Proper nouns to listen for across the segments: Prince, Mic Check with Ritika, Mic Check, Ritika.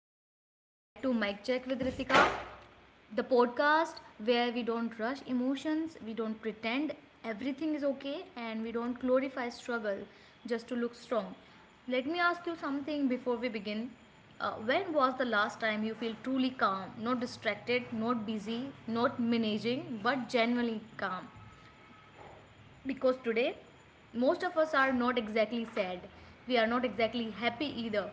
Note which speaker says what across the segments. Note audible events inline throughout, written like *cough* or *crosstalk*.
Speaker 1: there. Welcome back to Mic Check with Ritika, the podcast where we don't rush emotions, we don't pretend everything is okay, and we don't glorify struggle just to look strong. Let me ask you something before we begin. When was the last time you feel truly calm, not distracted, not busy, not managing, but genuinely calm? Because today, most of us are not exactly sad, we are not exactly happy either,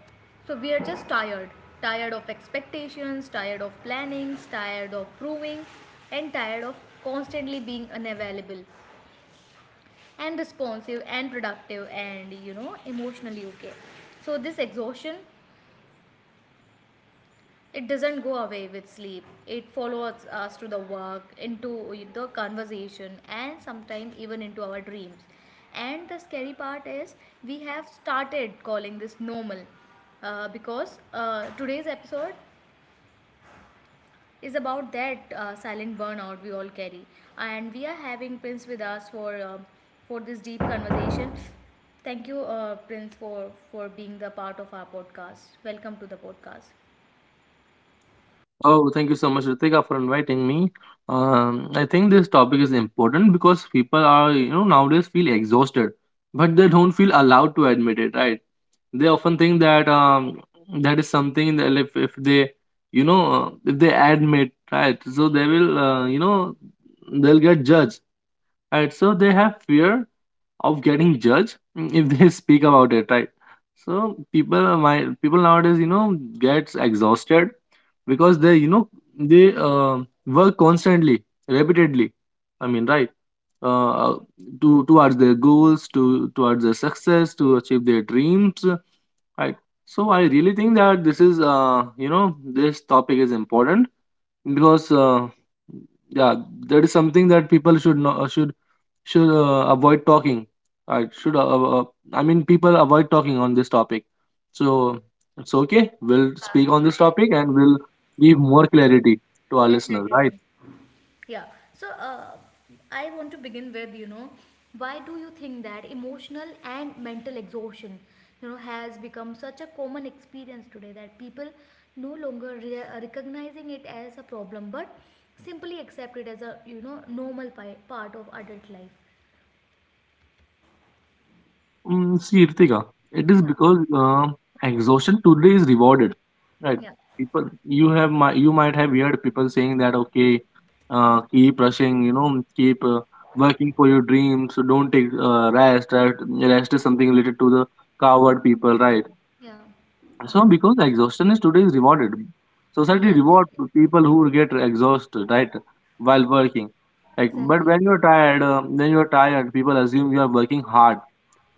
Speaker 1: so we are just tired. Tired of expectations, tired of plannings, tired of proving, and tired of constantly being unavailable and responsive and productive and, you know, emotionally okay. So this exhaustion, it doesn't go away with sleep. It follows us to the work, into the conversation, and sometimes even into our dreams. And the scary part is, we have started calling this normal. Because today's episode is about that silent burnout we all carry. And we are having Prince with us for this deep conversation. Thank you, Prince, for being the part of our podcast. Welcome to the podcast.
Speaker 2: Oh, thank you so much, Ritika, for inviting me. I think this topic is important because people are, nowadays feel exhausted, but they don't feel allowed to admit it, right? They often think that that is something that if they, if they admit, right, so they will, they'll get judged, right? So they have fear of getting judged, if they *laughs* speak about it, right? So people, are my people nowadays, gets exhausted because they you know they work constantly, repeatedly, I mean, right, uh, to towards their goals, to towards their success, to achieve their dreams, right. So I really think that this is, this topic is important because, yeah, that is something that people should know, should avoid talking. i should uh, uh, I mean, people avoid talking on this topic, so it's okay, we'll
Speaker 1: Yeah,
Speaker 2: speak on this topic, and we'll give more clarity to our listeners,
Speaker 1: definitely,
Speaker 2: right?
Speaker 1: Prince. Yeah. So uh, I want to begin with, you know, why do you think that emotional and mental exhaustion, you know, has become such a common experience today that people no longer recognizing it as a problem but simply accept it as a, you know, normal part of adult life.
Speaker 2: Mm, see, Ritika, it is
Speaker 1: Yeah.
Speaker 2: because, exhaustion today is rewarded, right?
Speaker 1: Yeah.
Speaker 2: You you might have heard people saying that, okay, keep rushing, you know, keep working for your dreams, don't take rest. Right? Rest is something related to the coward people, right?
Speaker 1: Yeah.
Speaker 2: So because exhaustion is today is rewarded,
Speaker 1: Yeah.
Speaker 2: society reward
Speaker 1: Exactly.
Speaker 2: people who get exhausted, right, while working. Like, but
Speaker 1: Exactly.
Speaker 2: when you're tired, people assume you are working hard,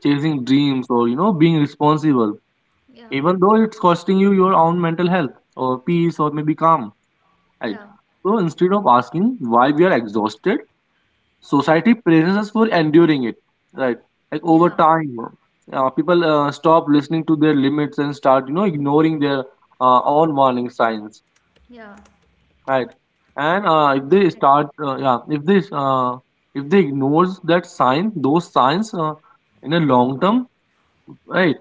Speaker 2: chasing
Speaker 1: Yeah.
Speaker 2: dreams, or, you know, being responsible,
Speaker 1: Yeah.
Speaker 2: even though it's costing you your own mental health or peace or maybe calm, right?
Speaker 1: Yeah.
Speaker 2: So instead of asking why we are exhausted, society praises us for enduring it, right? Like, over
Speaker 1: Yeah.
Speaker 2: time, people stop listening to their limits and start, you know, ignoring their own warning signs,
Speaker 1: Yeah.
Speaker 2: right? And
Speaker 1: Definitely.
Speaker 2: if they, if they ignores that sign, those signs, in a long term, right,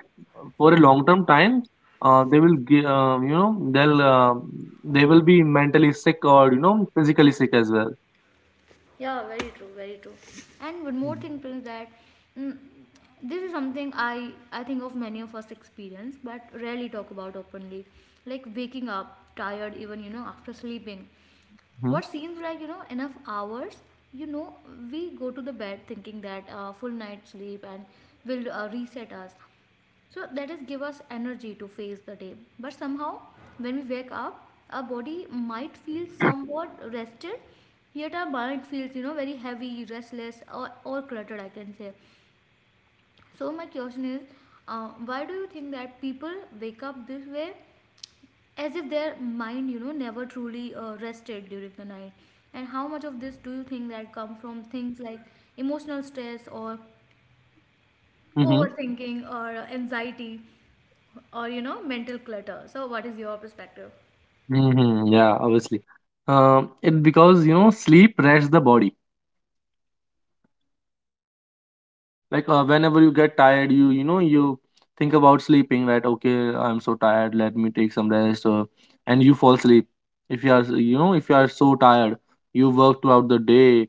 Speaker 2: for a long term time, they will they will be mentally sick or, you know, physically sick as well.
Speaker 1: And one more
Speaker 2: hmm
Speaker 1: thing, is that, mm, this is something I think of many of us experience, but rarely talk about openly. Like waking up tired, even, you know, after sleeping what seems like, you know, enough hours. You know, we go to the bed thinking that full night sleep and will reset us. So that is give us energy to face the day. But somehow, when we wake up, our body might feel somewhat rested, yet our mind feels, you know, very heavy, restless, or cluttered, I can say. So my question is, why do you think that people wake up this way, as if their mind, you know, never truly rested during the night? And how much of this do you think that come from things like emotional stress or
Speaker 2: hmm
Speaker 1: overthinking or anxiety, or, you know, mental clutter? So what is your perspective?
Speaker 2: yeah, obviously, it because, you know, sleep rests the body. Like, whenever you get tired, you think about sleeping, right? Okay, I'm so tired, let me take some rest, or, and you fall asleep. If you are, if you are so tired, you work throughout the day,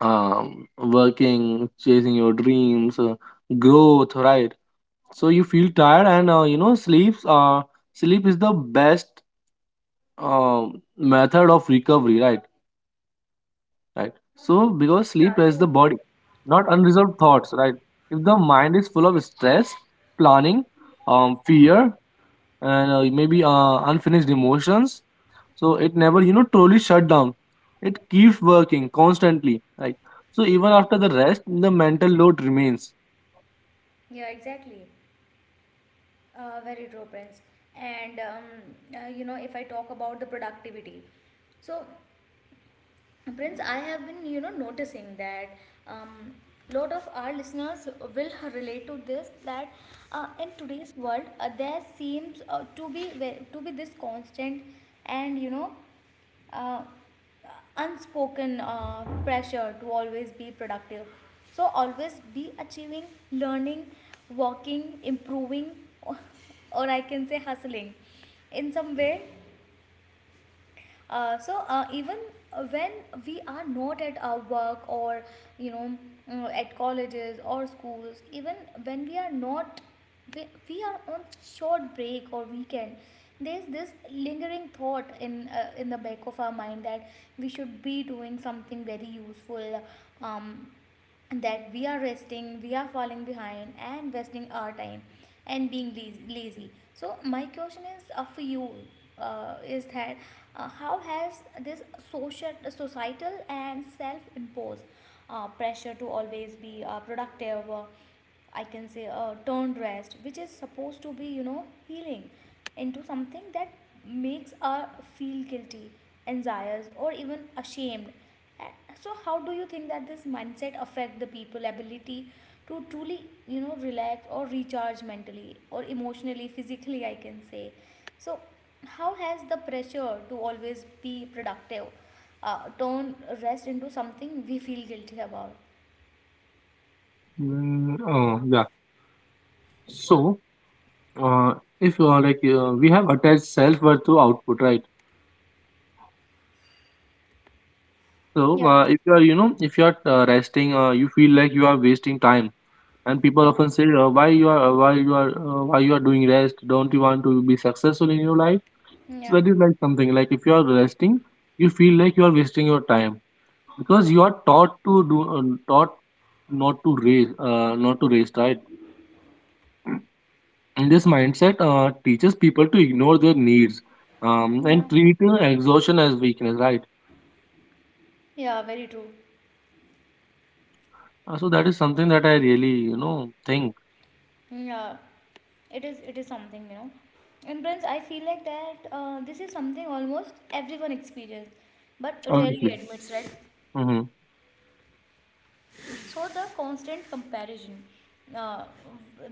Speaker 2: working, chasing your dreams, growth, right? So you feel tired, and, sleep is the best method of recovery, right? Right. So because sleep
Speaker 1: Yeah,
Speaker 2: rests the
Speaker 1: true,
Speaker 2: body,
Speaker 1: true.
Speaker 2: not unresolved thoughts, right? If the mind is full of stress, planning, fear, and maybe unfinished emotions, so it never, you know, truly shut down, it keeps working constantly, like, so even after the rest, the mental load remains.
Speaker 1: Yeah, exactly. Very true, Prince. And you know, if I talk about the productivity, so Prince, I have been, you know, noticing that, um, lot of our listeners will relate to this, that in today's world, there seems to be ve- to be this constant and, you know, uh, unspoken pressure to always be productive. So, always be achieving, learning, working, improving, *laughs* or I can say hustling in some way. Even when we are not at our work or, you know, mm, at colleges or schools, even when we are not, we are on short break or weekend, there's this lingering thought in the back of our mind that we should be doing something very useful, um, that we are resting, we are falling behind, and wasting our time and being lazy. So, my question is, for you, is that, how has this social, societal, and self imposed pressure to always be productive, I can say, a turned rest, which is supposed to be, you know, healing, into something that makes us feel guilty, anxious, or even ashamed. A- So, how do you think that this mindset affect the people' ability to truly, you know, relax or recharge mentally or emotionally, physically, I can say. So, how has the pressure to always be productive turned rest into something we feel guilty about?
Speaker 2: Mm, oh, yeah. So, uh, if you are like, we have attached self-worth to output, right? So,
Speaker 1: Yeah.
Speaker 2: if you are, resting, you feel like you are wasting time, and people
Speaker 1: Yeah.
Speaker 2: often say, "Why you are, why you are doing rest? Don't you want to be successful in your life?" So
Speaker 1: Yeah.
Speaker 2: that is like something like, if you are resting, you feel like you are wasting your time, because you are taught to do, taught not to race, right? And this mindset teaches people to ignore their needs,
Speaker 1: Yeah.
Speaker 2: and treat exhaustion as weakness, right?
Speaker 1: Yeah, very true.
Speaker 2: So that is something that I really, you know, think.
Speaker 1: Yeah, it is. It is something, you know. And friends, I feel like that this is something almost everyone experiences, but rarely
Speaker 2: Obviously.
Speaker 1: admits, right?
Speaker 2: hmm
Speaker 1: So the constant comparison, uh,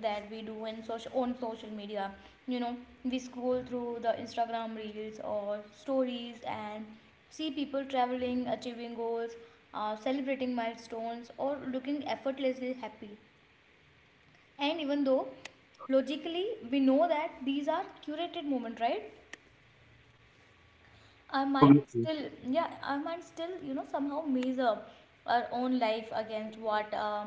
Speaker 1: that we do in social, on social media, you know, we scroll through the Instagram reels or stories and see people traveling, achieving goals, celebrating milestones, or looking effortlessly happy. And even though logically we know that these are curated moments, right? Our mind
Speaker 2: Obviously,
Speaker 1: still, yeah, our mind still, you know, somehow measure our own life against what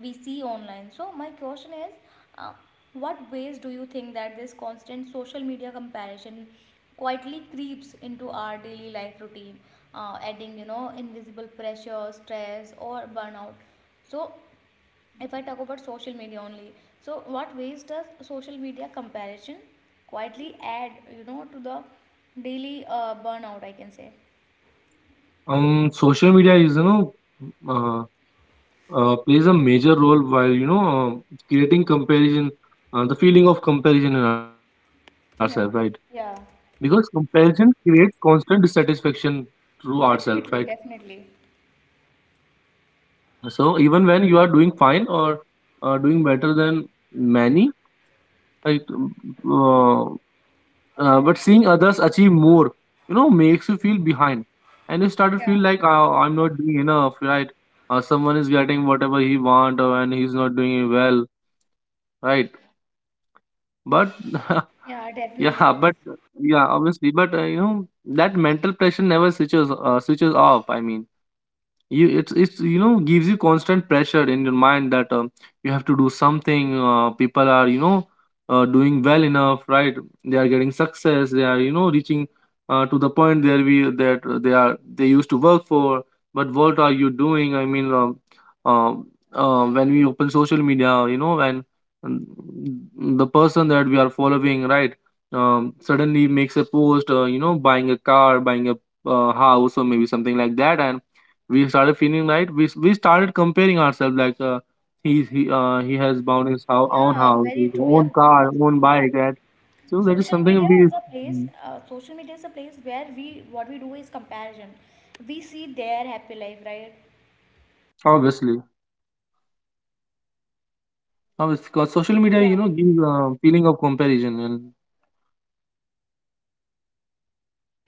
Speaker 1: we see online. So my question is, uh, what ways do you think that this constant social media comparison quietly creeps into our daily life routine, adding, you know, invisible pressure, stress, or burnout? So if I talk about social media only, so what ways does social media comparison quietly add, you know, to the daily burnout, I can say?
Speaker 2: um social media is, uh, plays a major role while, creating comparison, the feeling of comparison in ourselves, right?
Speaker 1: Yeah.
Speaker 2: Because
Speaker 1: Yeah,
Speaker 2: comparison creates constant dissatisfaction through ourselves, right?
Speaker 1: definitely, definitely.
Speaker 2: So even when you are doing fine or doing better than many, like, mm, uh, but seeing others achieve more, you know, makes you feel behind, and you start to
Speaker 1: Yeah.
Speaker 2: feel like, oh, I'm not doing enough, right? Or someone is getting whatever he want, or and he's not doing it well, right? But *laughs*
Speaker 1: Yeah, definitely,
Speaker 2: yeah,
Speaker 1: Prince.
Speaker 2: but yeah, obviously, but, you know, that mental pressure never switches off. I mean, you, it's you know, gives you constant pressure in your mind that, you have to do something, people are, doing well enough, right? They are getting success, they are, you know, reaching to the point there we that they are they used to work for, but what are you doing? I mean, uh, when we open social media, you know, when, um, the person that we are following, right, suddenly makes a post, you know, buying a car, buying a house or maybe something like that, and we started feeling, right. We started comparing ourselves like, he has bought his own
Speaker 1: Yeah,
Speaker 2: house,
Speaker 1: very
Speaker 2: his
Speaker 1: true, yeah,
Speaker 2: own car,
Speaker 1: because,
Speaker 2: own
Speaker 1: yeah,
Speaker 2: bike, right? So that is something we. Mhm.
Speaker 1: social media is a place where we what we do is comparison. We see their happy life, right?
Speaker 2: Obviously. Obviously, because social media, you know, gives a feeling of comparison and.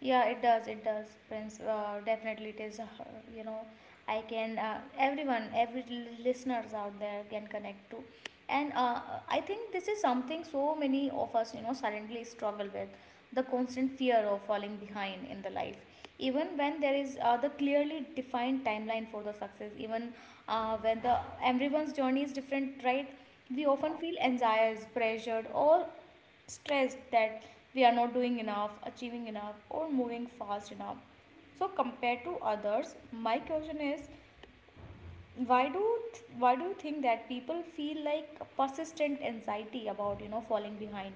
Speaker 1: Yeah, it does. It does, Prince. Definitely, it is. You know, I can. Everyone, every listeners out there can connect to, and, I think this is something so many of us, you know, silently struggle with, the constant fear of falling behind in the life, even when there is the clearly defined timeline for the success, even when the everyone's journey is different, right? We often feel anxious, pressured, or stressed that we are not doing enough, achieving enough, or moving fast enough. So compared to others, my question is, why do why do you think that people feel like persistent anxiety about, you know, falling behind?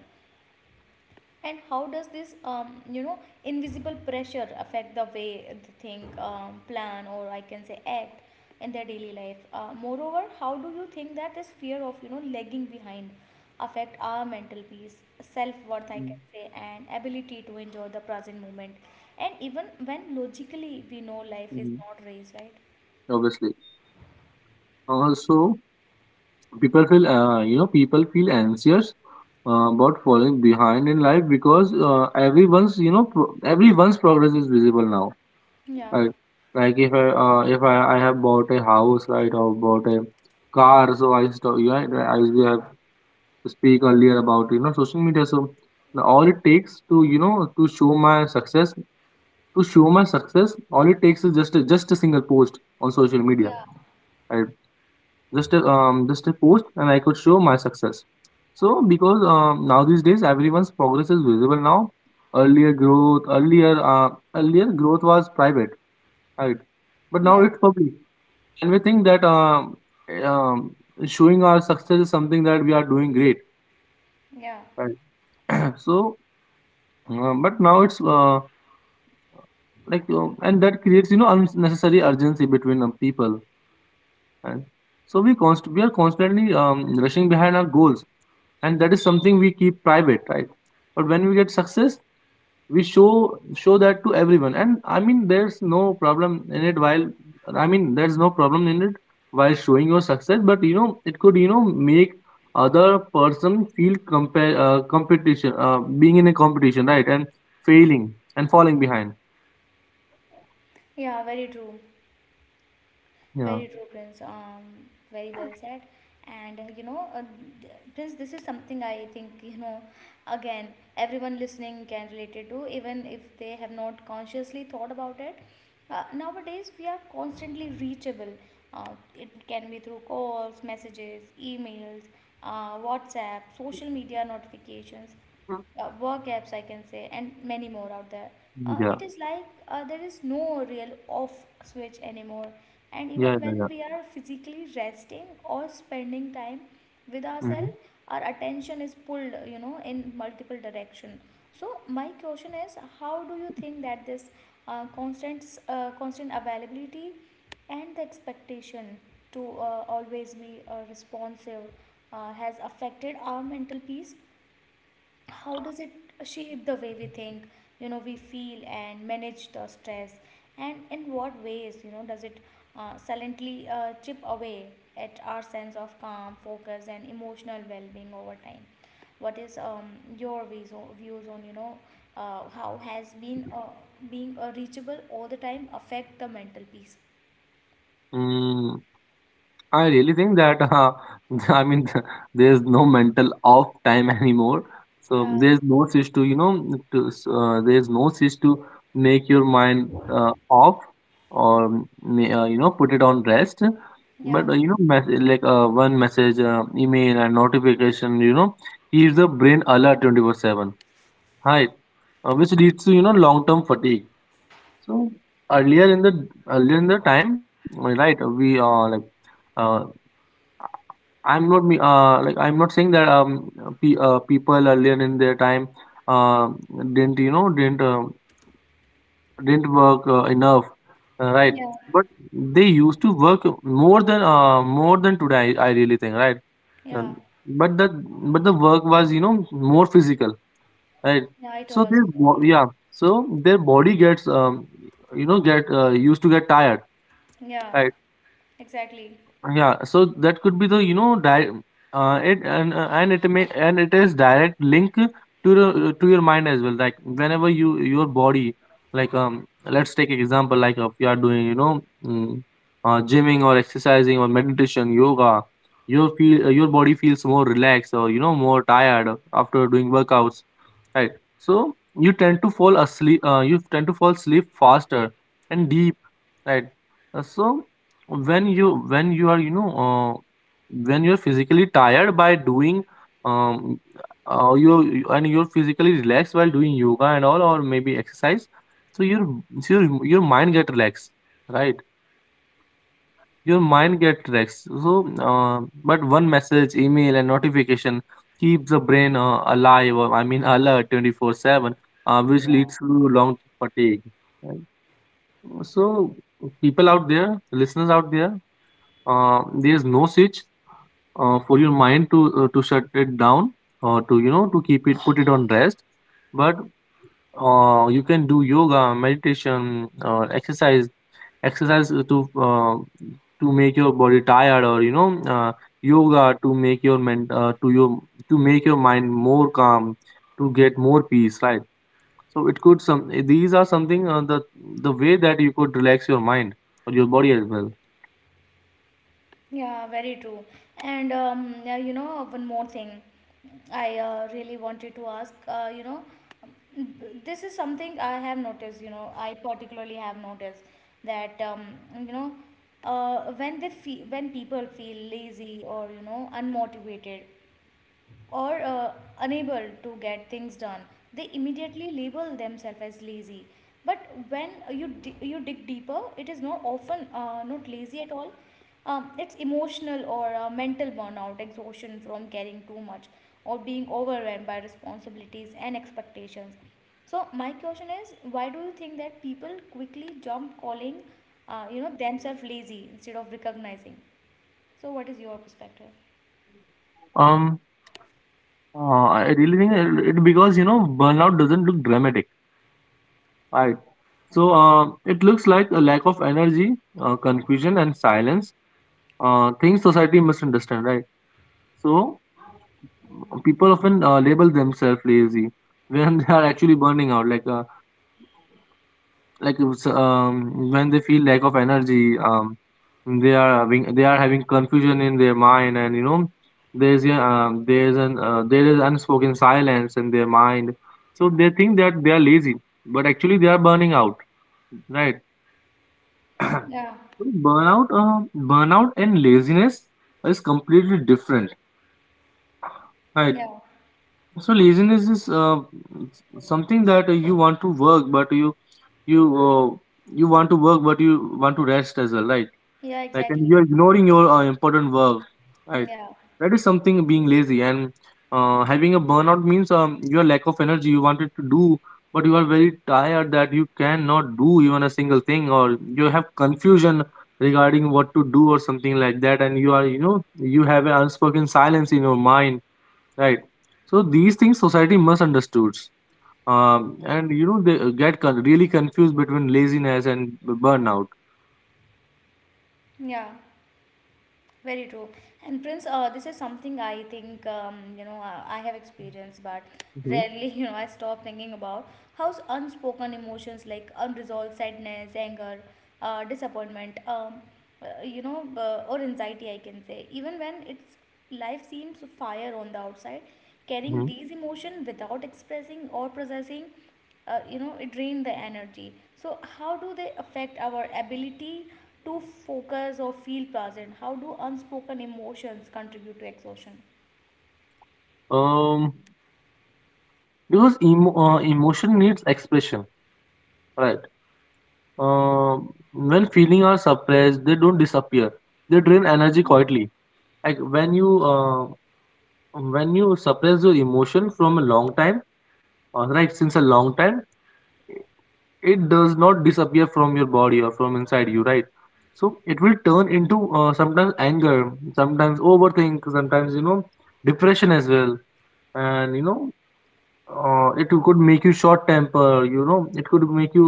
Speaker 1: And how does this, you know, invisible pressure affect the way they think, plan, or I can say, act in their daily life? Moreover, how do you think that this fear of, you know, lagging behind affect our mental peace, self-worth, I
Speaker 2: Mm.
Speaker 1: can say, and ability to enjoy the present moment? And even when logically we know life is
Speaker 2: Mhm.
Speaker 1: not race, right?
Speaker 2: Obviously. Also, people feel, people feel anxious about falling behind in life, because everyone's progress is visible now.
Speaker 1: Yeah.
Speaker 2: Right. Like, if I, I have bought a house, right, or bought a car. So I stop, you know, I we have speak earlier about, you know, social media. So all it takes to, to show my success, all it takes is just a single post on social
Speaker 1: Yeah,
Speaker 2: media, right? Just a, just a post, and I could show my success. So because, now these days, everyone's progress is visible now. earlier growth earlier uh, Earlier growth was private. Right. But now
Speaker 1: yeah,
Speaker 2: it's public, and we think that, um, showing our success is something that we are doing great.
Speaker 1: yeah,
Speaker 2: Right. *clears throat* So, but now it's, and that creates, you know, unnecessary urgency between, people. Right. We are constantly, rushing behind our goals, and that is something we keep private, right? But when we get success, we show that to everyone, and I mean, there's no problem in it while, I mean, there's no problem in it while showing your success, but, you know, it could, you know, make other person feel compare, competition, being in a competition, right, and failing and falling behind.
Speaker 1: yeah, very true.
Speaker 2: Yeah.
Speaker 1: Very true, Prince. Very well said. And, you know, Prince, this is something I think, you know. Again, everyone listening can relate it to, even if they have not consciously thought about it. Nowadays, we are constantly reachable. Uh, it can be through calls, messages, emails, WhatsApp, social media notifications, work apps, I can say, and many more out there.
Speaker 2: Yeah.
Speaker 1: It is like, there is no real off switch anymore. And
Speaker 2: Yeah.
Speaker 1: even
Speaker 2: Yeah,
Speaker 1: when
Speaker 2: yeah.
Speaker 1: we are physically resting or spending time with ourselves, our attention is pulled, you know, in multiple direction. So my question is, how do you think that this, uh, constant availability and the expectation to always be responsive has affected our mental peace? How does it shape the way we think, you know, we feel and manage the stress, and in what ways, you know, does it silently chip away at our sense of calm, focus, and emotional well-being over time? What is, your views on, views on, you know, how has been, being reachable all the time affect the mental peace?
Speaker 2: Hmm. I really think that, *laughs* I mean *laughs* there's no mental off time *laughs* anymore. So
Speaker 1: Yeah.
Speaker 2: there's no switch to, there's no switch to make your mind, off, or, you know, put it on rest.
Speaker 1: Yeah.
Speaker 2: But, you know, one message, email, and notification, you know, keeps the brain alert 24/7. Right, which leads to, you know, long-term fatigue. So, earlier in the time, right? We like. Uh, I'm not me like I'm not saying that, people earlier in their time, uh, didn't you know didn't work enough, right?
Speaker 1: Yeah.
Speaker 2: But they used to work more than, more than today, I really think, right?
Speaker 1: Yeah.
Speaker 2: And- but the, work was, you know, more physical, right?
Speaker 1: Yeah, it was.
Speaker 2: Yeah. So their body gets, you know, get used to get tired,
Speaker 1: Yeah,
Speaker 2: right.
Speaker 1: exactly.
Speaker 2: Yeah, so that could be the, you know, di- it and it may and it is direct link to to your mind as well. Like, whenever you your body, like, let's take example, like, if you are doing, you know, gymming or exercising or meditation, yoga, your feel your body feels more relaxed, or you know, more tired after doing workouts, right? So you tend to fall asleep. You tend to fall asleep faster and deep, right? So when you are, when you're physically tired by doing, um and you're physically relaxed while doing yoga and all, or maybe exercise, so your, your mind get relaxed, right? Your mind get relaxed so, but one message, email, and notification keeps the brain, alive or I mean alert 24/7, which
Speaker 1: Yeah.
Speaker 2: leads to long fatigue, right? So people out there, listeners out there, there is no switch for your mind to shut it down or to to keep it, put it on rest. But you can do yoga, meditation, or exercise. Exercise is uh, to make your body tired, or you know, uh, yoga to make your mind to make your mind more calm, to get more peace, right? So it could some, these are something the way that you could relax your mind or your body as well.
Speaker 1: Yeah, very true. And yeah, you know, one more thing I really wanted to ask, you know, b- this is something I have noticed, you know, I particularly have noticed that, you know, when people feel lazy or, you know, unmotivated, or, unable to get things done, they immediately label themselves as lazy. But when you you dig deeper, it is not often not lazy at all. Um, it's emotional or mental burnout, exhaustion from carrying too much or being overwhelmed by responsibilities and expectations. So my question is, why do you think that people quickly jump calling, you know, themselves lazy instead of recognizing? So what is your perspective?
Speaker 2: um I really think because you know burnout doesn't look dramatic, right? So it looks like a lack of energy, confusion, and silence. Things society misunderstand, right? So people often label themselves lazy *laughs* when they are actually burning out. Like it was, when they feel lack of energy, they are having confusion in their mind, and you know there's a, there's an there is unspoken silence in their mind, so they think that they are lazy, but actually they are burning out, right? *clears throat*
Speaker 1: Yeah.
Speaker 2: So burnout and laziness is completely different, right?
Speaker 1: Yeah.
Speaker 2: So laziness is something that you want to work, but you uh, you want to work but you want to rest as well, right?
Speaker 1: Yeah,
Speaker 2: Like, and you're
Speaker 1: exactly.
Speaker 2: ignoring your important work, right?
Speaker 1: Yeah,
Speaker 2: That is something being lazy. And having a burnout means, your lack of energy, you wanted to do but you are very tired that you cannot do even a single thing, or you have confusion regarding what to do or something like that, and you are, you know, you have an unspoken silence in your mind, right? So these things society must understands, and you know they really confused between laziness and burnout.
Speaker 1: yeah, very true. And Prince, this is something I think, you know, I have experienced, but
Speaker 2: Hmm.
Speaker 1: rarely *laughs* you know, I stop thinking about how unspoken emotions like unresolved sadness, anger, disappointment, or anxiety, I can say, even when it's life seems fire on the outside, carrying
Speaker 2: Mhm.
Speaker 1: these emotions without expressing or processing, you know, it drain the energy. So how do they affect our ability to focus or feel present? How do unspoken emotions contribute to exhaustion?
Speaker 2: Um. Because emotion needs expression, right? uh, when feeling are suppressed, they don't disappear, they drain energy
Speaker 1: Yeah,
Speaker 2: quietly. Like when you suppress your emotion from a long time, right, since a long time, it does not disappear from your body or from inside you, right? So it will turn into sometimes anger, sometimes overthink, sometimes you know depression as well. And you know, it could make you short temper, you know, it could make you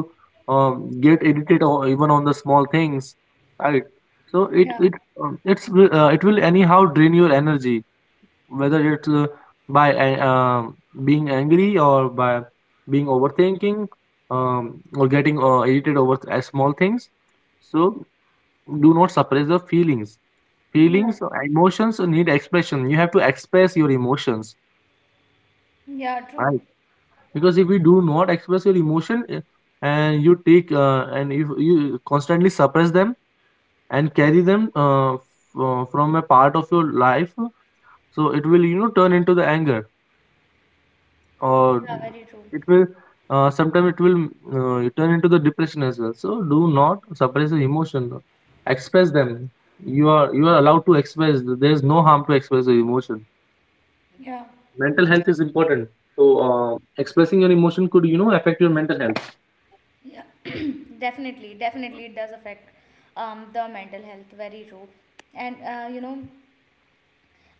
Speaker 2: get irritated or even on the small things, right? So it
Speaker 1: yeah,
Speaker 2: it um, it's will- uh, it will anyhow drain your energy, whether it's by being angry or by being overthinking, or getting irritated over small things. So do not suppress the feelings.
Speaker 1: yeah,
Speaker 2: Feelings, emotions need expression. You have to express your emotions,
Speaker 1: yeah, true.
Speaker 2: right? Because if you do not express your emotion, and you take and if you constantly suppress them and carry them from a part of your life, so it will, you know, turn into the anger, or
Speaker 1: Yeah, very true.
Speaker 2: it will uh, sometimes it will turn into the depression as well. So do not suppress the emotion, express them. You are, you are allowed to express, there is no harm to express your emotion.
Speaker 1: Yeah,
Speaker 2: Mental health is important, so expressing your emotion could you know affect your mental
Speaker 1: yeah, *clears throat* definitely it does affect the mental health, very true. And you know,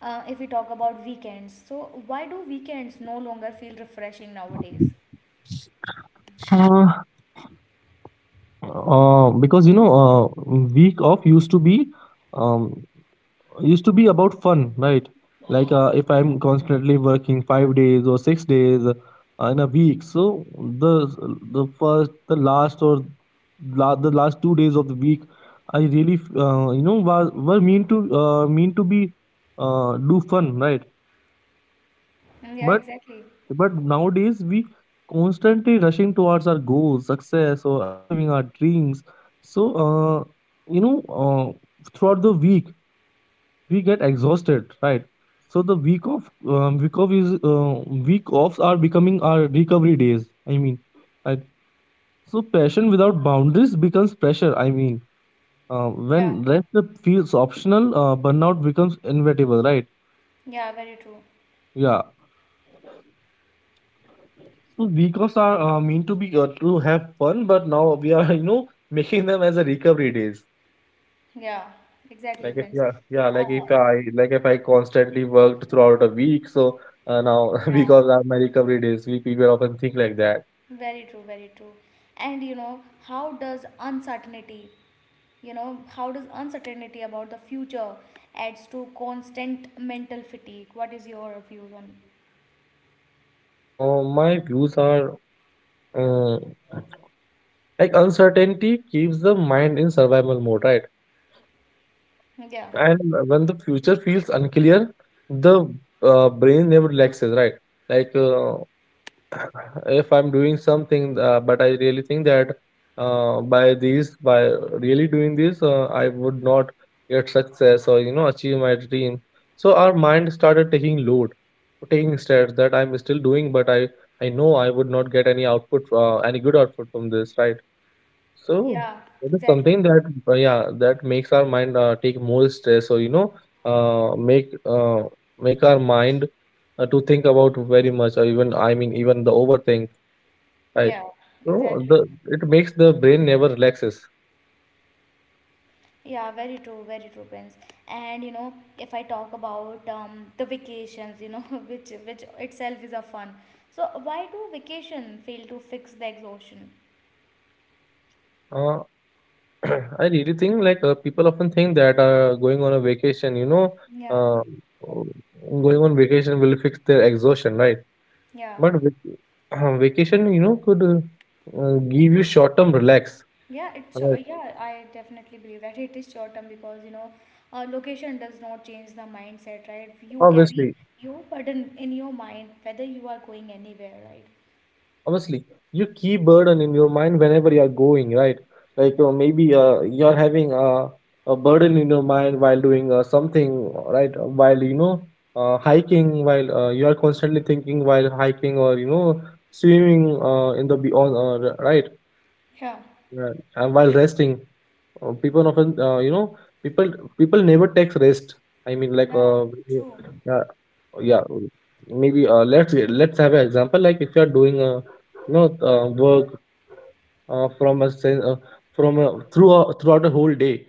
Speaker 1: if we talk about weekends, so why do weekends no longer feel refreshing nowadays?
Speaker 2: health. Because you know, week off um, used to be about fun, right? Like if I'm constantly working 5 days or 6 days in a week, so the the first, the last, or the last 2 days of the week, I really, you know, was were mean to be do fun, right?
Speaker 1: Mm, yeah, exactly.
Speaker 2: But nowadays, we constantly rushing towards our goals, success, or achieving our dreams. So, you know, throughout the week, we get exhausted, right? So the week of week off is, week offs are becoming our recovery days. I mean, right? So passion without boundaries becomes pressure. I mean,
Speaker 1: Yeah,
Speaker 2: when rest feels optional, burnout becomes inevitable, right?
Speaker 1: yeah, very true.
Speaker 2: Yeah. So week-offs are meant to be to have fun, but now we are *laughs* you know making them as a recovery days.
Speaker 1: Yeah, exactly,
Speaker 2: Like if,
Speaker 1: Prince.
Speaker 2: yeah, yeah, like
Speaker 1: Uh,
Speaker 2: if I, like if I constantly worked throughout a week, so now *laughs*
Speaker 1: yeah,
Speaker 2: because are my recovery days, we people often think like that.
Speaker 1: very true, very true. And you know, how does uncertainty, you know, how does uncertainty about the future adds to constant mental fatigue? What is your views on it?
Speaker 2: My views are, um, like uncertainty keeps the mind in survival mode, right?
Speaker 1: Yeah,
Speaker 2: And when the future feels unclear, the brain never relaxes, right? Like if I'm doing something, but I really think that by really doing this, I would not get success or, you know, achieve my dream. So our mind started taking load, taking steps that I'm still doing, but I know I would not get any output, any good output from this, right? So
Speaker 1: yeah,
Speaker 2: that is something
Speaker 1: exactly.
Speaker 2: that yeah that makes our mind take more stress or you know uh, make uh, make our mind to think about very much, or even I mean even the overthink, right?
Speaker 1: Yeah,
Speaker 2: So
Speaker 1: exactly.
Speaker 2: the it makes the brain never relaxes.
Speaker 1: Yeah, very true, Prince. And you know, if I talk about the vacations, you know, *laughs* which itself is a fun. So why do vacation fail to fix the exhaustion?
Speaker 2: uh, *clears throat* I really think like people often think that going on a vacation, you know,
Speaker 1: Yeah,
Speaker 2: uh, going on vacation will fix their exhaustion, right?
Speaker 1: yeah,
Speaker 2: But *clears throat* vacation, you know, could give you short term relax,
Speaker 1: yeah. It's short.
Speaker 2: right?
Speaker 1: Yeah, I definitely believe that it is short term, because you know, location does not change the mindset, right? You carry
Speaker 2: Obviously,
Speaker 1: your burden in your mind whether you are going anywhere, right?
Speaker 2: obviously, you keep burden in your mind whenever you are going, right? Like maybe you are having a burden in your mind while doing something, right? While you know hiking, while you are constantly thinking while hiking, or you know swimming in the beyond, right?
Speaker 1: Yeah,
Speaker 2: Yeah. And while resting, people often, you know people people never takes rest. I mean, like
Speaker 1: yeah, true.
Speaker 2: yeah, yeah, maybe let's have an example, like if you are doing a you know work from a sen- from a, throughout, throughout a whole day,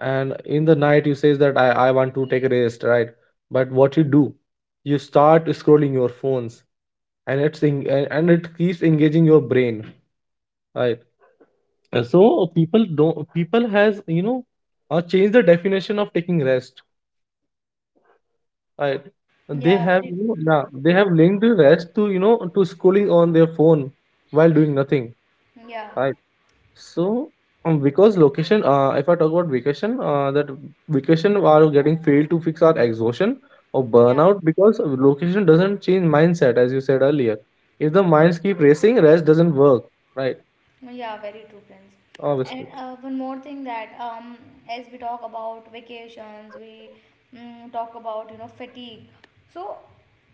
Speaker 2: and in the night you says that I want to take a rest, right? But what you do, you start scrolling your phones, and and it keeps engaging your brain, right? So people don't, people has, you know, changed the definition of taking rest. Right. They
Speaker 1: Yeah,
Speaker 2: have,
Speaker 1: very
Speaker 2: you
Speaker 1: true.
Speaker 2: know, yeah, they have linked rest to, you know, to scrolling on their phone while doing nothing.
Speaker 1: Yeah,
Speaker 2: Right. So, because location, if I talk about vacation, that vacation are getting failed to fix our exhaustion or
Speaker 1: yeah,
Speaker 2: burnout, because location doesn't change mindset, as you said earlier. If the minds keep racing, rest doesn't work. Right.
Speaker 1: yeah, very true, Prince. And
Speaker 2: Obviously.
Speaker 1: one more thing, that as we talk about vacations, we mm, talk about you know fatigue. So,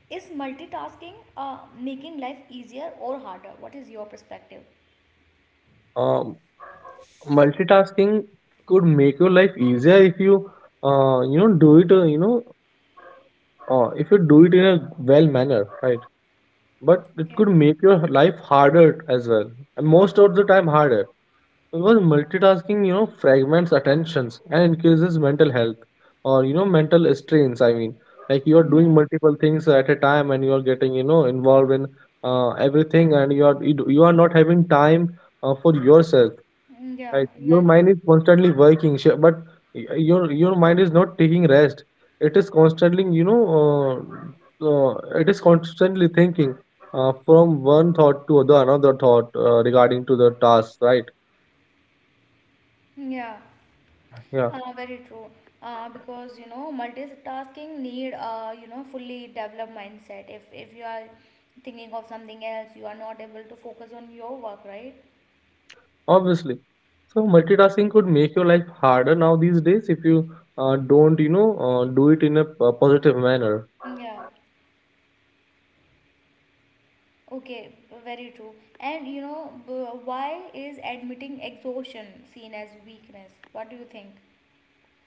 Speaker 1: is multitasking making life easier or harder? What is your perspective?
Speaker 2: Um, Multitasking could make your life easier if you you know do it, if you do it in a well manner, right? But it could
Speaker 1: Okay.
Speaker 2: make your life harder as well, and most of the time harder, because multitasking, you know, fragments attentions and increases mental health or you know mental strains. I mean, like you are
Speaker 1: Yeah.
Speaker 2: doing multiple things at a time and you are getting you know involved in everything, and you are not having time for yourself.
Speaker 1: Yeah.
Speaker 2: Right. Your
Speaker 1: Exactly.
Speaker 2: mind is constantly working, sure, but your mind is not taking rest. It is constantly, you know, uh, it is constantly thinking from one thought to the another thought regarding to the task, right?
Speaker 1: Yeah.
Speaker 2: Yeah,
Speaker 1: Very true. Because you know multitasking need you know fully developed mindset. If you are thinking of something else, you are not able to focus on your work, right?
Speaker 2: obviously. So multitasking could make your life harder now these days if you don't, you know, do it in a positive manner.
Speaker 1: Yeah. Okay, very true. And you know, why is admitting exhaustion seen as weakness? What do you think?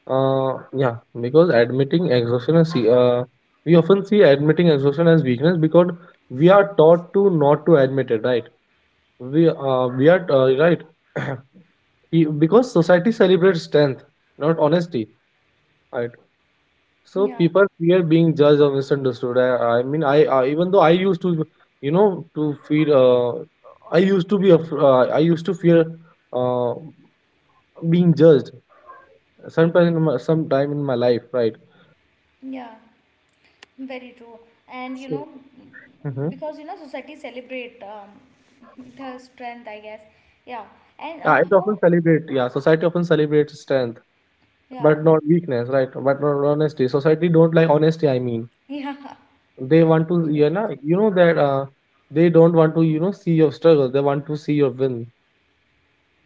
Speaker 2: Yeah, because admitting exhaustion is, we often see admitting exhaustion as weakness, because we are taught to not to admit it, right? Right? *clears throat* Because society celebrates strength, not honesty, right? So
Speaker 1: Yeah,
Speaker 2: people fear being judged or misunderstood. I mean, even though I used to, you know, to fear, I used to fear uh, being judged sometime in my life, right?
Speaker 1: yeah, very true. And you
Speaker 2: So,
Speaker 1: know, because you know, society celebrate *laughs* the strength, I guess. Yeah, and
Speaker 2: yeah, it often
Speaker 1: how?
Speaker 2: celebrate. Yeah, society often celebrates strength,
Speaker 1: Yeah,
Speaker 2: but not weakness, right? But not honesty. Society don't like honesty. I mean,
Speaker 1: *laughs* yeah,
Speaker 2: they want to, you know that they don't want to, you know, see your struggle. They want to see your win.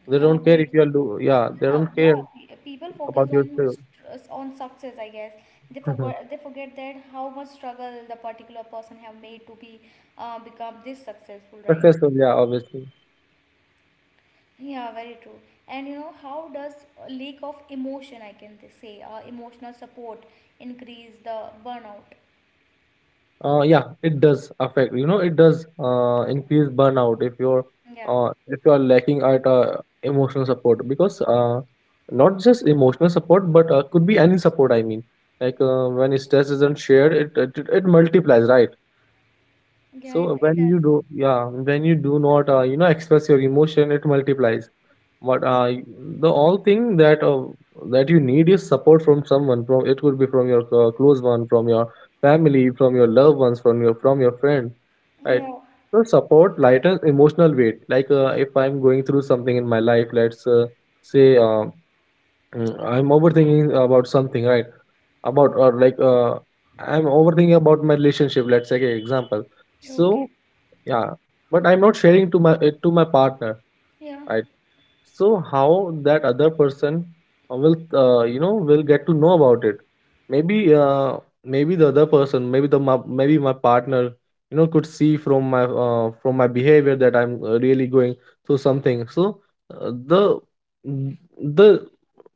Speaker 2: They
Speaker 1: yeah,
Speaker 2: don't care
Speaker 1: very
Speaker 2: if
Speaker 1: true.
Speaker 2: you're, yeah, they
Speaker 1: Yeah,
Speaker 2: don't care
Speaker 1: yeah. People focus
Speaker 2: about your
Speaker 1: on
Speaker 2: struggle.
Speaker 1: on success, I guess. They forgot
Speaker 2: *laughs*
Speaker 1: they forget that how much struggle the particular person have made to be become this successful, right?
Speaker 2: Successful, yeah, obviously.
Speaker 1: Yeah, very true. And you know, how does a lack of emotion, I can say, emotional support increase the burnout?
Speaker 2: Yeah, it does affect. You know, it does increase burnout
Speaker 1: Yeah,
Speaker 2: if you're lacking at emotional support, because not just emotional support, but could be any support. I mean, like when stress isn't shared, it multiplies, right?
Speaker 1: yeah, it,
Speaker 2: So
Speaker 1: it
Speaker 2: when
Speaker 1: does.
Speaker 2: you do, yeah, when you do not, you know, express your emotion, it multiplies. But the all thing that that you need is support from someone. From, it could be from your close one, from your family, from your loved ones, from your friend, right?
Speaker 1: Yeah,
Speaker 2: So support lightens emotional weight. Like if I'm going through something in my life, let's say I'm overthinking about something, right? About, or like I'm overthinking about my relationship. Let's say, okay, example.
Speaker 1: yeah,
Speaker 2: So
Speaker 1: okay.
Speaker 2: yeah, but I'm not sharing to my partner,
Speaker 1: Yeah,
Speaker 2: right? So how that other person will will get to know about it? Maybe uh, maybe the other person, maybe my partner, you know, could see from my behavior that I'm really going through something. So uh, the the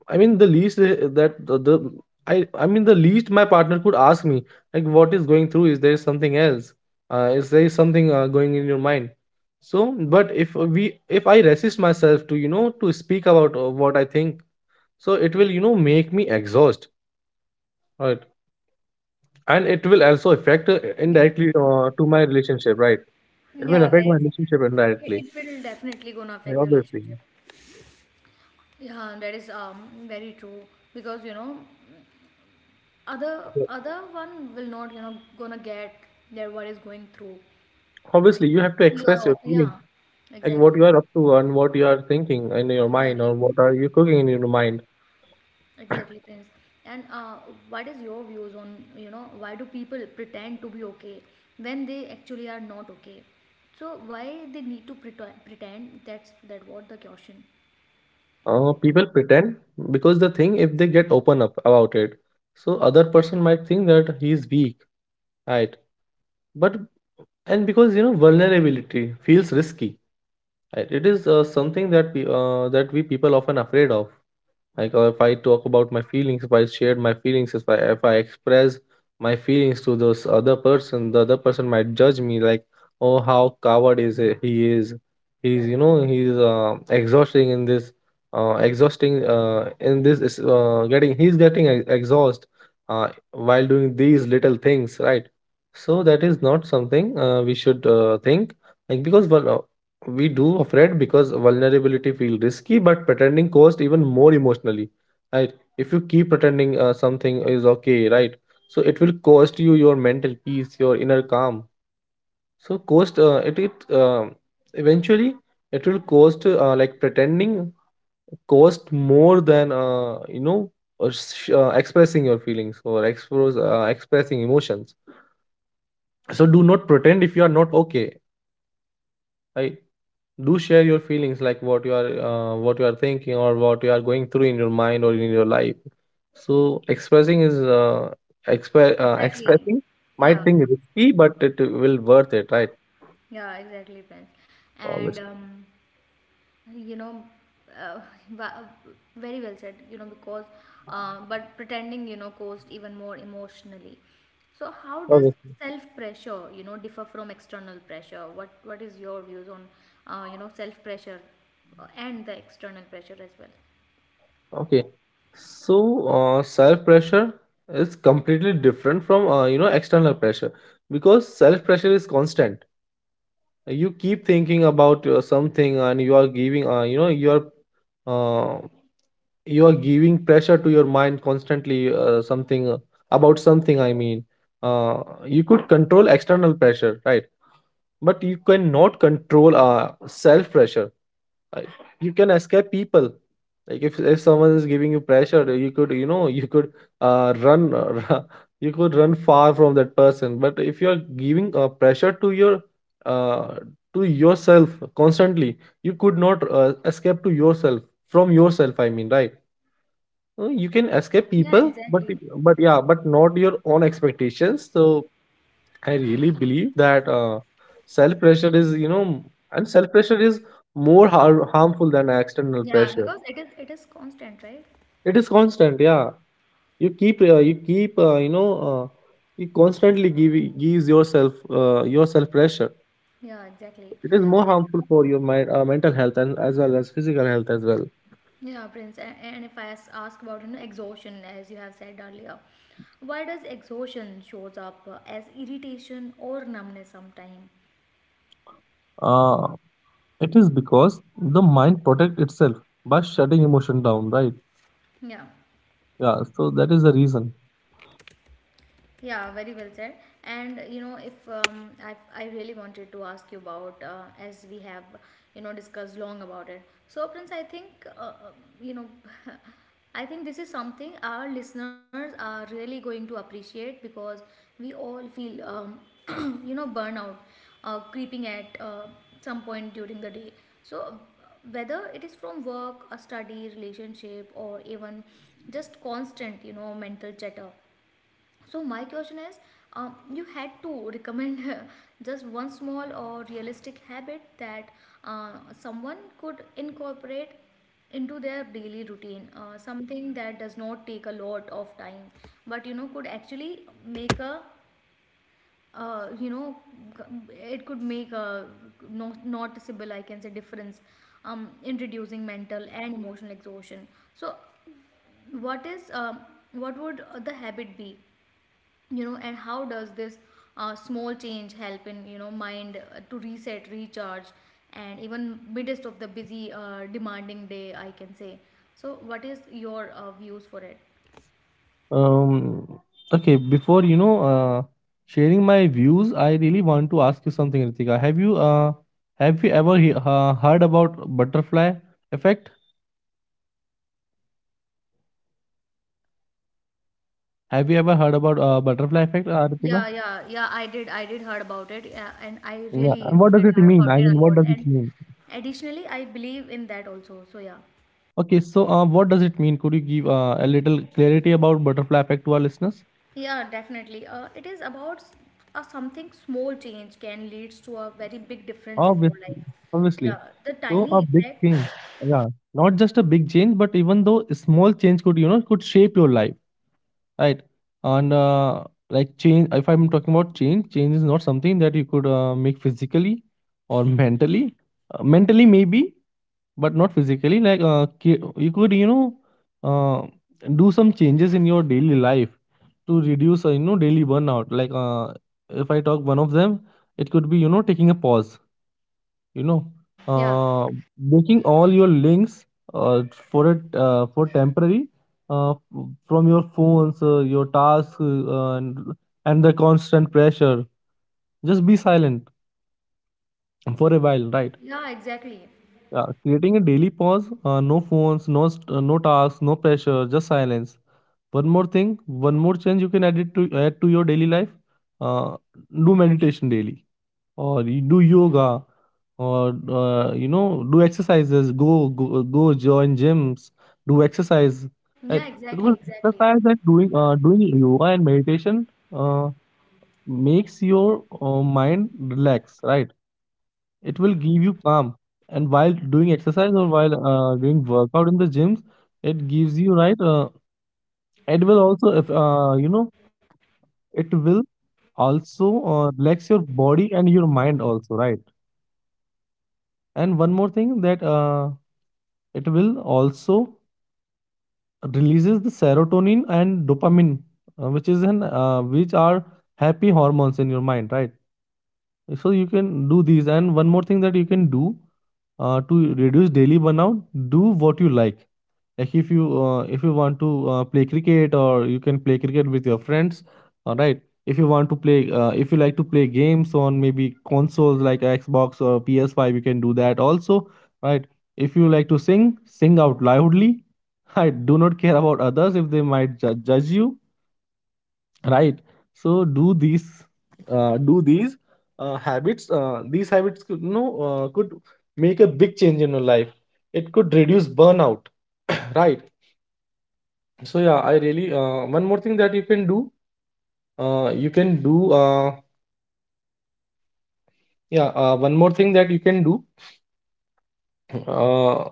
Speaker 2: I mean, the least that the I mean the least my partner could ask me, like, what is going through? Is there something else? Is there something going in your mind? So, but if I resist myself to, you know, to speak about what I think, so it will, you know, make me exhaust, right? And it will also affect
Speaker 1: yeah,
Speaker 2: indirectly to my relationship, right? It will
Speaker 1: yeah,
Speaker 2: affect my
Speaker 1: very true.
Speaker 2: relationship
Speaker 1: It,
Speaker 2: indirectly,
Speaker 1: it will definitely gonna affect
Speaker 2: like,
Speaker 1: the
Speaker 2: obviously.
Speaker 1: relationship. Yeah, that is very true, because you know other
Speaker 2: Yeah.
Speaker 1: other one will not you know gonna get their what is going through.
Speaker 2: Obviously, you have to
Speaker 1: You are
Speaker 2: express your
Speaker 1: also
Speaker 2: feelings,
Speaker 1: yeah,
Speaker 2: like what
Speaker 1: exactly,
Speaker 2: you are up to and what you are thinking in your mind or
Speaker 1: exactly,
Speaker 2: what are you cooking in your mind. uh,
Speaker 1: exactly, Prince. And what is your views on you know why do people pretend to be okay when they actually are not okay? So why they need to pretend? Pretend, that's that what the question.
Speaker 2: People pretend because the thing, if they get open up about it, so other person might think that he is weak, right? But, and because you know, vulnerability feels risky, right? It is something that we people often afraid of. Like if I talk about my feelings, if I share my feelings, if I express my feelings to this other person, the other person might judge me like, oh, how coward is it? He is, he's, you know, he's exhausting in this is getting he's getting exhaust while doing these little things, right? So that is not something we should think, like, because well, we do afraid because vulnerability feel risky, but pretending cost even more emotionally, right? If you keep pretending something is okay, right? So it will cost you your mental peace, your inner calm. So cost it it eventually it will cost like pretending cost more than expressing your feelings or expose expressing emotions. So do not pretend if you are not okay, right? Do share your feelings, like what you are thinking, or what you are going through in your mind or in your life. So expressing is
Speaker 1: Exactly.
Speaker 2: expressing might
Speaker 1: Yeah.
Speaker 2: think risky, but it will worth it, right?
Speaker 1: Yeah. Exactly, Prince. And
Speaker 2: Obviously.
Speaker 1: um, you know uh, wa- very well said, you know, because but pretending you know caused even more emotionally, so how does
Speaker 2: Obviously.
Speaker 1: self pressure you know differ from external pressure? What is your views on you know self pressure and the external pressure as well?
Speaker 2: Okay, so self pressure is completely different from you know, external pressure, because self pressure is constant. You keep thinking about something, and you are giving, you know, uh, you are giving pressure to your mind constantly something about something. I mean, uh, you could control external pressure, right? But you cannot control self pressure, right? You can escape people, like, if someone is giving you pressure, you could, you know, you could run *laughs* you could run far from that person. But if you are giving pressure to your uh, to yourself constantly, you could not escape to yourself, from yourself, I mean, right? You can escape
Speaker 1: Yeah,
Speaker 2: people, but
Speaker 1: exactly.
Speaker 2: but yeah, but not your own expectations. So I really believe that self pressure is, you know, and self pressure is more harmful than external
Speaker 1: Yeah, because
Speaker 2: pressure.
Speaker 1: it is constant, right?
Speaker 2: It is constant, yeah. You keep you constantly give gives yourself yourself pressure.
Speaker 1: Yeah, exactly.
Speaker 2: It is more harmful for your mind, mental health, and as well as physical health as well.
Speaker 1: Yeah, Prince. And if I ask about you know, exhaustion, as you have said earlier, why does exhaustion shows up as irritation or numbness sometime?
Speaker 2: uh, it is because the mind protects itself by shutting emotion down, right?
Speaker 1: Yeah.
Speaker 2: Yeah, so that is the reason.
Speaker 1: Yeah, very well said. And you know, if I I really wanted to ask you about as we have you know discussed long about it. So Prince, I think you know, *laughs* I think this is something our listeners are really going to appreciate, because we all feel *clears throat* you know burnout creeping at some point during the day. So whether it is from work, a study, relationship, or even just constant you know mental chatter, so my question is, you had to recommend *laughs* just one small or realistic habit that uh, someone could incorporate into their daily routine, something that does not take a lot of time, but you know could actually make a you know it could make a noticeable I can say difference in reducing mental and emotional exhaustion. So what is what would the habit be? You know, and how does this small change help in you know mind to reset, recharge, and even midst of the busy demanding day, I can say. So what is your views for it?
Speaker 2: Um, okay, before, you know, sharing my views, I really want to ask you something, Ritika. Have you have you ever heard about butterfly effect? Have you ever heard about butterfly effect, Ritika?
Speaker 1: Yeah, yeah, yeah, I did heard about it, yeah, and I
Speaker 2: Yeah,
Speaker 1: really
Speaker 2: and what does
Speaker 1: did
Speaker 2: it
Speaker 1: heard
Speaker 2: mean?
Speaker 1: about
Speaker 2: I
Speaker 1: it
Speaker 2: mean,
Speaker 1: a
Speaker 2: what
Speaker 1: lot,
Speaker 2: does it
Speaker 1: and
Speaker 2: mean?
Speaker 1: additionally I believe in that also, so yeah.
Speaker 2: Okay, so what does it mean? Could you give a little clarity about butterfly effect to our listeners?
Speaker 1: Yeah, definitely. It is about a something small change can leads to a very big difference in your
Speaker 2: Obviously,
Speaker 1: life.
Speaker 2: obviously.
Speaker 1: Yeah, the
Speaker 2: So a
Speaker 1: tiny
Speaker 2: big
Speaker 1: effect.
Speaker 2: change, yeah, not just a big change, but even though a small change could, you know, could shape your life, right? And like change, if I'm talking about change, change is not something that you could make physically or mentally. Mentally maybe, but not physically. Like you could, you know, uh, do some changes in your daily life to reduce, you know, daily burnout. Like if I talk one of them, it could be, you know, taking a pause, you know,
Speaker 1: Yeah,
Speaker 2: uh, making all your links uh, for it, for temporary, uh, from your phones, your tasks, and the constant pressure. Just be silent for a while, right?
Speaker 1: yeah, exactly.
Speaker 2: Yeah, creating a daily pause, no phones, no no tasks, no pressure, just silence. One more thing, one more change you can add to your daily life. uh, do meditation daily, or you do yoga, or you know, do exercises, go join gyms, do exercise, right?
Speaker 1: Yeah, exactly,
Speaker 2: Because
Speaker 1: exactly.
Speaker 2: exercise and doing yoga and meditation uh, makes your mind relax, right? It will give you calm. And while doing exercise, or while doing workout in the gyms, it gives you right. It will also, if, you know, it will also relax your body and your mind also, right? And one more thing that it will also releases the serotonin and dopamine, which is an which are happy hormones in your mind, right? So you can do these. And one more thing that you can do to reduce daily burnout: do
Speaker 1: Yeah.
Speaker 2: what you like. Like, if you want to play cricket, or you can play cricket with your friends, all right? If you want to play, if you like to play games on maybe consoles like Xbox or ps5, you can do that also, right? If you like to sing, sing out loudly. *laughs* I do not care about others if they might judge you, right? So do these, do these habits. These habits could, you know, could make a big change in your life. It could reduce burnout. *coughs* *clears throat* Right? So yeah, I really, one more thing that you can do, uh, you can do uh, yeah one more thing that you can do. Uh,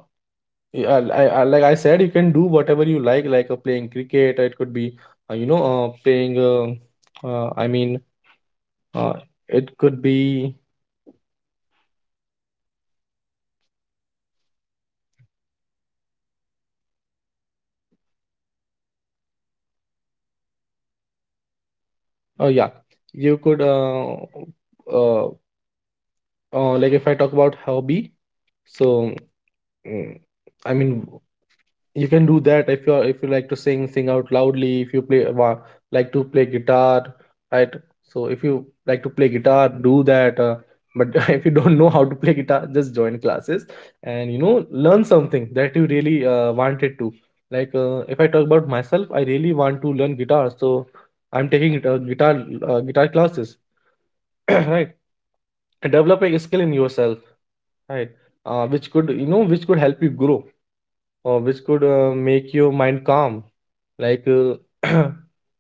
Speaker 2: yeah, like I said, you can do whatever you like playing cricket. It could be playing. I mean, uh, it could be. Oh yeah, you could. Uh, like if I talk about hobby, so, mm, I mean, you can do that if you are, if you like to sing, sing out loudly. If you like to play guitar, right? So if you like to play guitar, do that. But *laughs* if you don't know how to play guitar, just join classes and, you know, learn something that you really wanted to. Like, if I talk about myself, I really want to learn guitar, so I'm taking guitar classes. *clears throat* Right? And develop a skill in yourself, right? Which could, you know, which could help you grow, which could make your mind calm. Like, *clears throat*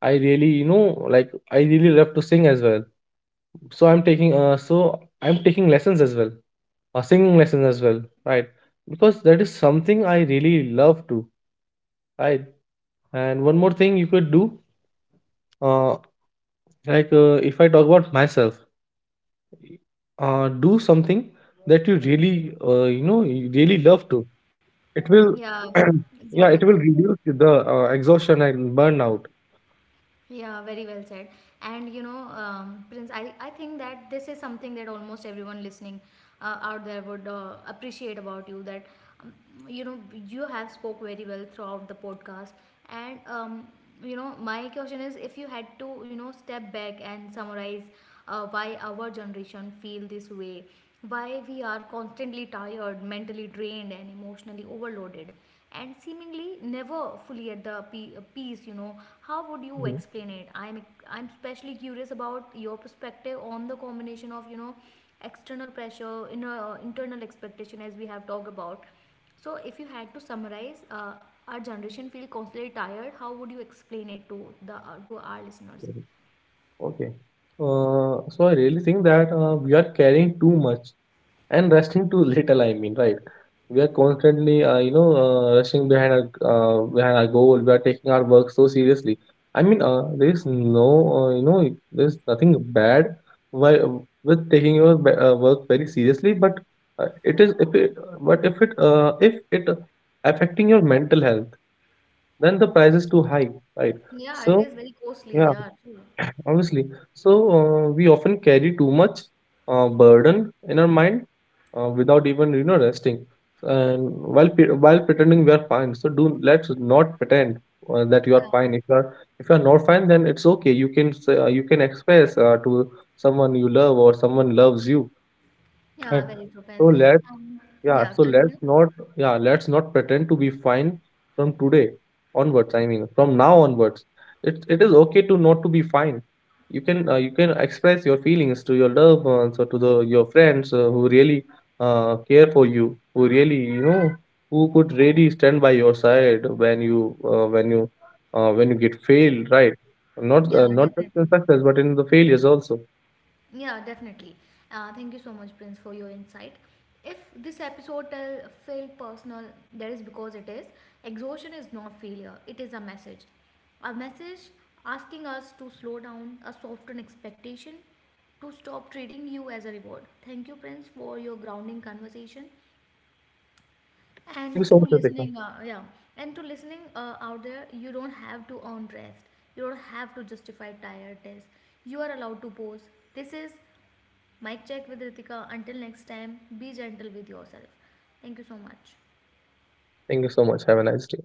Speaker 2: I really, you know, like, I really love to sing as well. So I'm taking lessons as well, singing lessons as well, right? Because that is something I really love to, right? And one more thing you could do, uh, like if I talk about myself,
Speaker 1: Yeah, very,
Speaker 3: Very.
Speaker 2: do
Speaker 1: very well
Speaker 2: something
Speaker 1: said.
Speaker 2: that you really, you know, you really love to. It will,
Speaker 1: Yeah,
Speaker 3: Yeah.
Speaker 2: *clears throat* yeah,
Speaker 1: exactly,
Speaker 3: Exactly,
Speaker 2: it will
Speaker 1: Prince.
Speaker 3: Prince.
Speaker 2: reduce the exhaustion and burnout.
Speaker 1: Yeah,
Speaker 3: Yeah,
Speaker 1: very
Speaker 3: very
Speaker 1: well
Speaker 3: well
Speaker 1: said.
Speaker 3: said. and
Speaker 1: And you
Speaker 3: you know
Speaker 1: know,
Speaker 3: um,
Speaker 1: Prince,
Speaker 3: Prince,
Speaker 1: I,
Speaker 3: I,
Speaker 1: I
Speaker 3: I
Speaker 1: think
Speaker 3: think that
Speaker 1: that this
Speaker 3: this
Speaker 1: is
Speaker 3: is
Speaker 1: something
Speaker 3: something
Speaker 1: that
Speaker 3: that
Speaker 1: almost
Speaker 3: almost
Speaker 1: everyone
Speaker 3: everyone
Speaker 1: listening
Speaker 3: listening,
Speaker 1: out
Speaker 3: out
Speaker 1: there
Speaker 3: there,
Speaker 1: would
Speaker 3: would appreciate
Speaker 1: appreciate about
Speaker 3: about
Speaker 1: you,
Speaker 3: you
Speaker 1: that
Speaker 3: that
Speaker 1: um,
Speaker 3: um, you
Speaker 1: you know
Speaker 3: know
Speaker 1: you
Speaker 3: you
Speaker 1: have
Speaker 3: have
Speaker 1: spoke
Speaker 3: spoke
Speaker 1: very
Speaker 3: very
Speaker 1: well
Speaker 3: well
Speaker 1: throughout
Speaker 3: throughout
Speaker 1: the
Speaker 3: the
Speaker 1: podcast.
Speaker 3: podcast. and
Speaker 1: And
Speaker 3: um,
Speaker 1: you
Speaker 3: you
Speaker 1: know,
Speaker 3: know
Speaker 1: my
Speaker 3: my
Speaker 1: question
Speaker 3: question
Speaker 1: is,
Speaker 3: is,
Speaker 1: if
Speaker 3: if
Speaker 1: you
Speaker 3: you
Speaker 1: had
Speaker 3: had
Speaker 1: to
Speaker 3: to,
Speaker 1: you know step
Speaker 3: step back
Speaker 1: back and
Speaker 3: and
Speaker 1: summarize
Speaker 3: summarize
Speaker 1: why
Speaker 3: why
Speaker 1: our
Speaker 3: our
Speaker 1: generation
Speaker 3: generation
Speaker 1: feel
Speaker 3: feel
Speaker 1: this
Speaker 3: this way,
Speaker 1: way, why
Speaker 3: why
Speaker 1: we
Speaker 3: we
Speaker 1: are
Speaker 3: are
Speaker 1: constantly
Speaker 3: constantly
Speaker 1: tired,
Speaker 3: tired,
Speaker 1: mentally
Speaker 3: mentally
Speaker 1: drained
Speaker 3: drained, and
Speaker 1: and emotionally
Speaker 3: emotionally
Speaker 1: overloaded,
Speaker 3: overloaded,
Speaker 1: and
Speaker 3: and
Speaker 1: seemingly
Speaker 3: seemingly
Speaker 1: never
Speaker 3: never
Speaker 1: fully
Speaker 3: fully
Speaker 1: at
Speaker 3: at
Speaker 1: the peace,
Speaker 3: peace
Speaker 1: you
Speaker 3: you
Speaker 1: know?
Speaker 3: know
Speaker 1: How
Speaker 3: How
Speaker 1: would
Speaker 3: would
Speaker 1: you
Speaker 3: you
Speaker 2: Mhm,
Speaker 1: explain
Speaker 3: explain
Speaker 1: it?
Speaker 3: it?
Speaker 1: i'm
Speaker 3: i'm
Speaker 1: i'm
Speaker 3: i'm
Speaker 1: especially
Speaker 3: especially
Speaker 1: curious
Speaker 3: curious
Speaker 1: about
Speaker 3: about
Speaker 1: your
Speaker 3: your
Speaker 1: perspective
Speaker 3: perspective on
Speaker 1: on the
Speaker 3: the
Speaker 1: combination
Speaker 3: combination of
Speaker 1: of you know external
Speaker 3: external
Speaker 1: pressure,
Speaker 3: pressure, inner
Speaker 1: inner internal
Speaker 3: internal
Speaker 1: expectation,
Speaker 3: expectation,
Speaker 1: as
Speaker 3: as we
Speaker 1: we
Speaker 3: have
Speaker 1: have talked
Speaker 3: talked
Speaker 1: about.
Speaker 3: about.
Speaker 1: So
Speaker 3: So
Speaker 1: if
Speaker 3: if
Speaker 1: you
Speaker 3: you
Speaker 1: had
Speaker 3: had
Speaker 1: to
Speaker 3: to
Speaker 1: summarize
Speaker 3: summarize,
Speaker 1: our
Speaker 3: our
Speaker 1: generation
Speaker 3: generation
Speaker 1: feel
Speaker 3: feel
Speaker 1: constantly
Speaker 3: constantly tired,
Speaker 1: tired, how
Speaker 3: how
Speaker 1: would
Speaker 3: would you
Speaker 1: you explain
Speaker 3: explain it
Speaker 1: it to the to
Speaker 3: to
Speaker 1: our
Speaker 3: our
Speaker 1: listeners?
Speaker 3: listeners?
Speaker 2: mhm. Okay. So I really think that we are carrying too much and resting too little. I mean, right? We are constantly, rushing behind our goal. We are taking our work so seriously. I mean, there is no, you know, there's nothing bad why with taking your work very seriously, but it is if it, but if it affecting your mental health, then the price is too high, right?
Speaker 3: Yeah, it
Speaker 2: So
Speaker 3: is very costly.
Speaker 2: yeah.
Speaker 3: Yeah, true.
Speaker 2: Obviously. So, we often carry too much burden in our mind without even, you know, resting. And while while pretending we are fine. So do let's not pretend that you are
Speaker 3: Yeah,
Speaker 2: fine. If you are, if you are not fine, then it's okay. You can say, you can express to someone you love or someone loves you.
Speaker 3: yeah,
Speaker 2: Right.
Speaker 3: very true,
Speaker 2: So
Speaker 3: friends.
Speaker 2: let's,
Speaker 3: Um,
Speaker 2: yeah,
Speaker 3: yeah,
Speaker 2: so let's
Speaker 3: continue.
Speaker 2: not, yeah, let's not pretend to be fine from today onwards. I mean, from now onwards, it is okay to not to be fine. You can express your feelings to your loved ones or to the your friends who really care for you, who really, you know, who could really stand by your side when you when you get failed, right? Not
Speaker 3: Yeah,
Speaker 2: not just in
Speaker 3: definitely.
Speaker 2: success, but in the failures also.
Speaker 3: Yeah, definitely. Thank you so much, Prince, for your insight. If this episode felt personal, that is because it is. Exhaustion is not failure, it is a message. A message asking us to slow down, a soften expectation, to stop treating you as a reward. Thank you, Prince, for your grounding conversation.
Speaker 2: Oh, thank
Speaker 3: And
Speaker 2: you
Speaker 3: to
Speaker 2: so much, Ritika.
Speaker 3: listening, uh, yeah, and to listening out there, you don't have to earn rest. You don't have to justify tiredness. You are allowed to pause. This is Mic Check with Ritika. Until next time, be gentle with yourself. Thank you so much.
Speaker 2: Thank you so much. Have a nice day.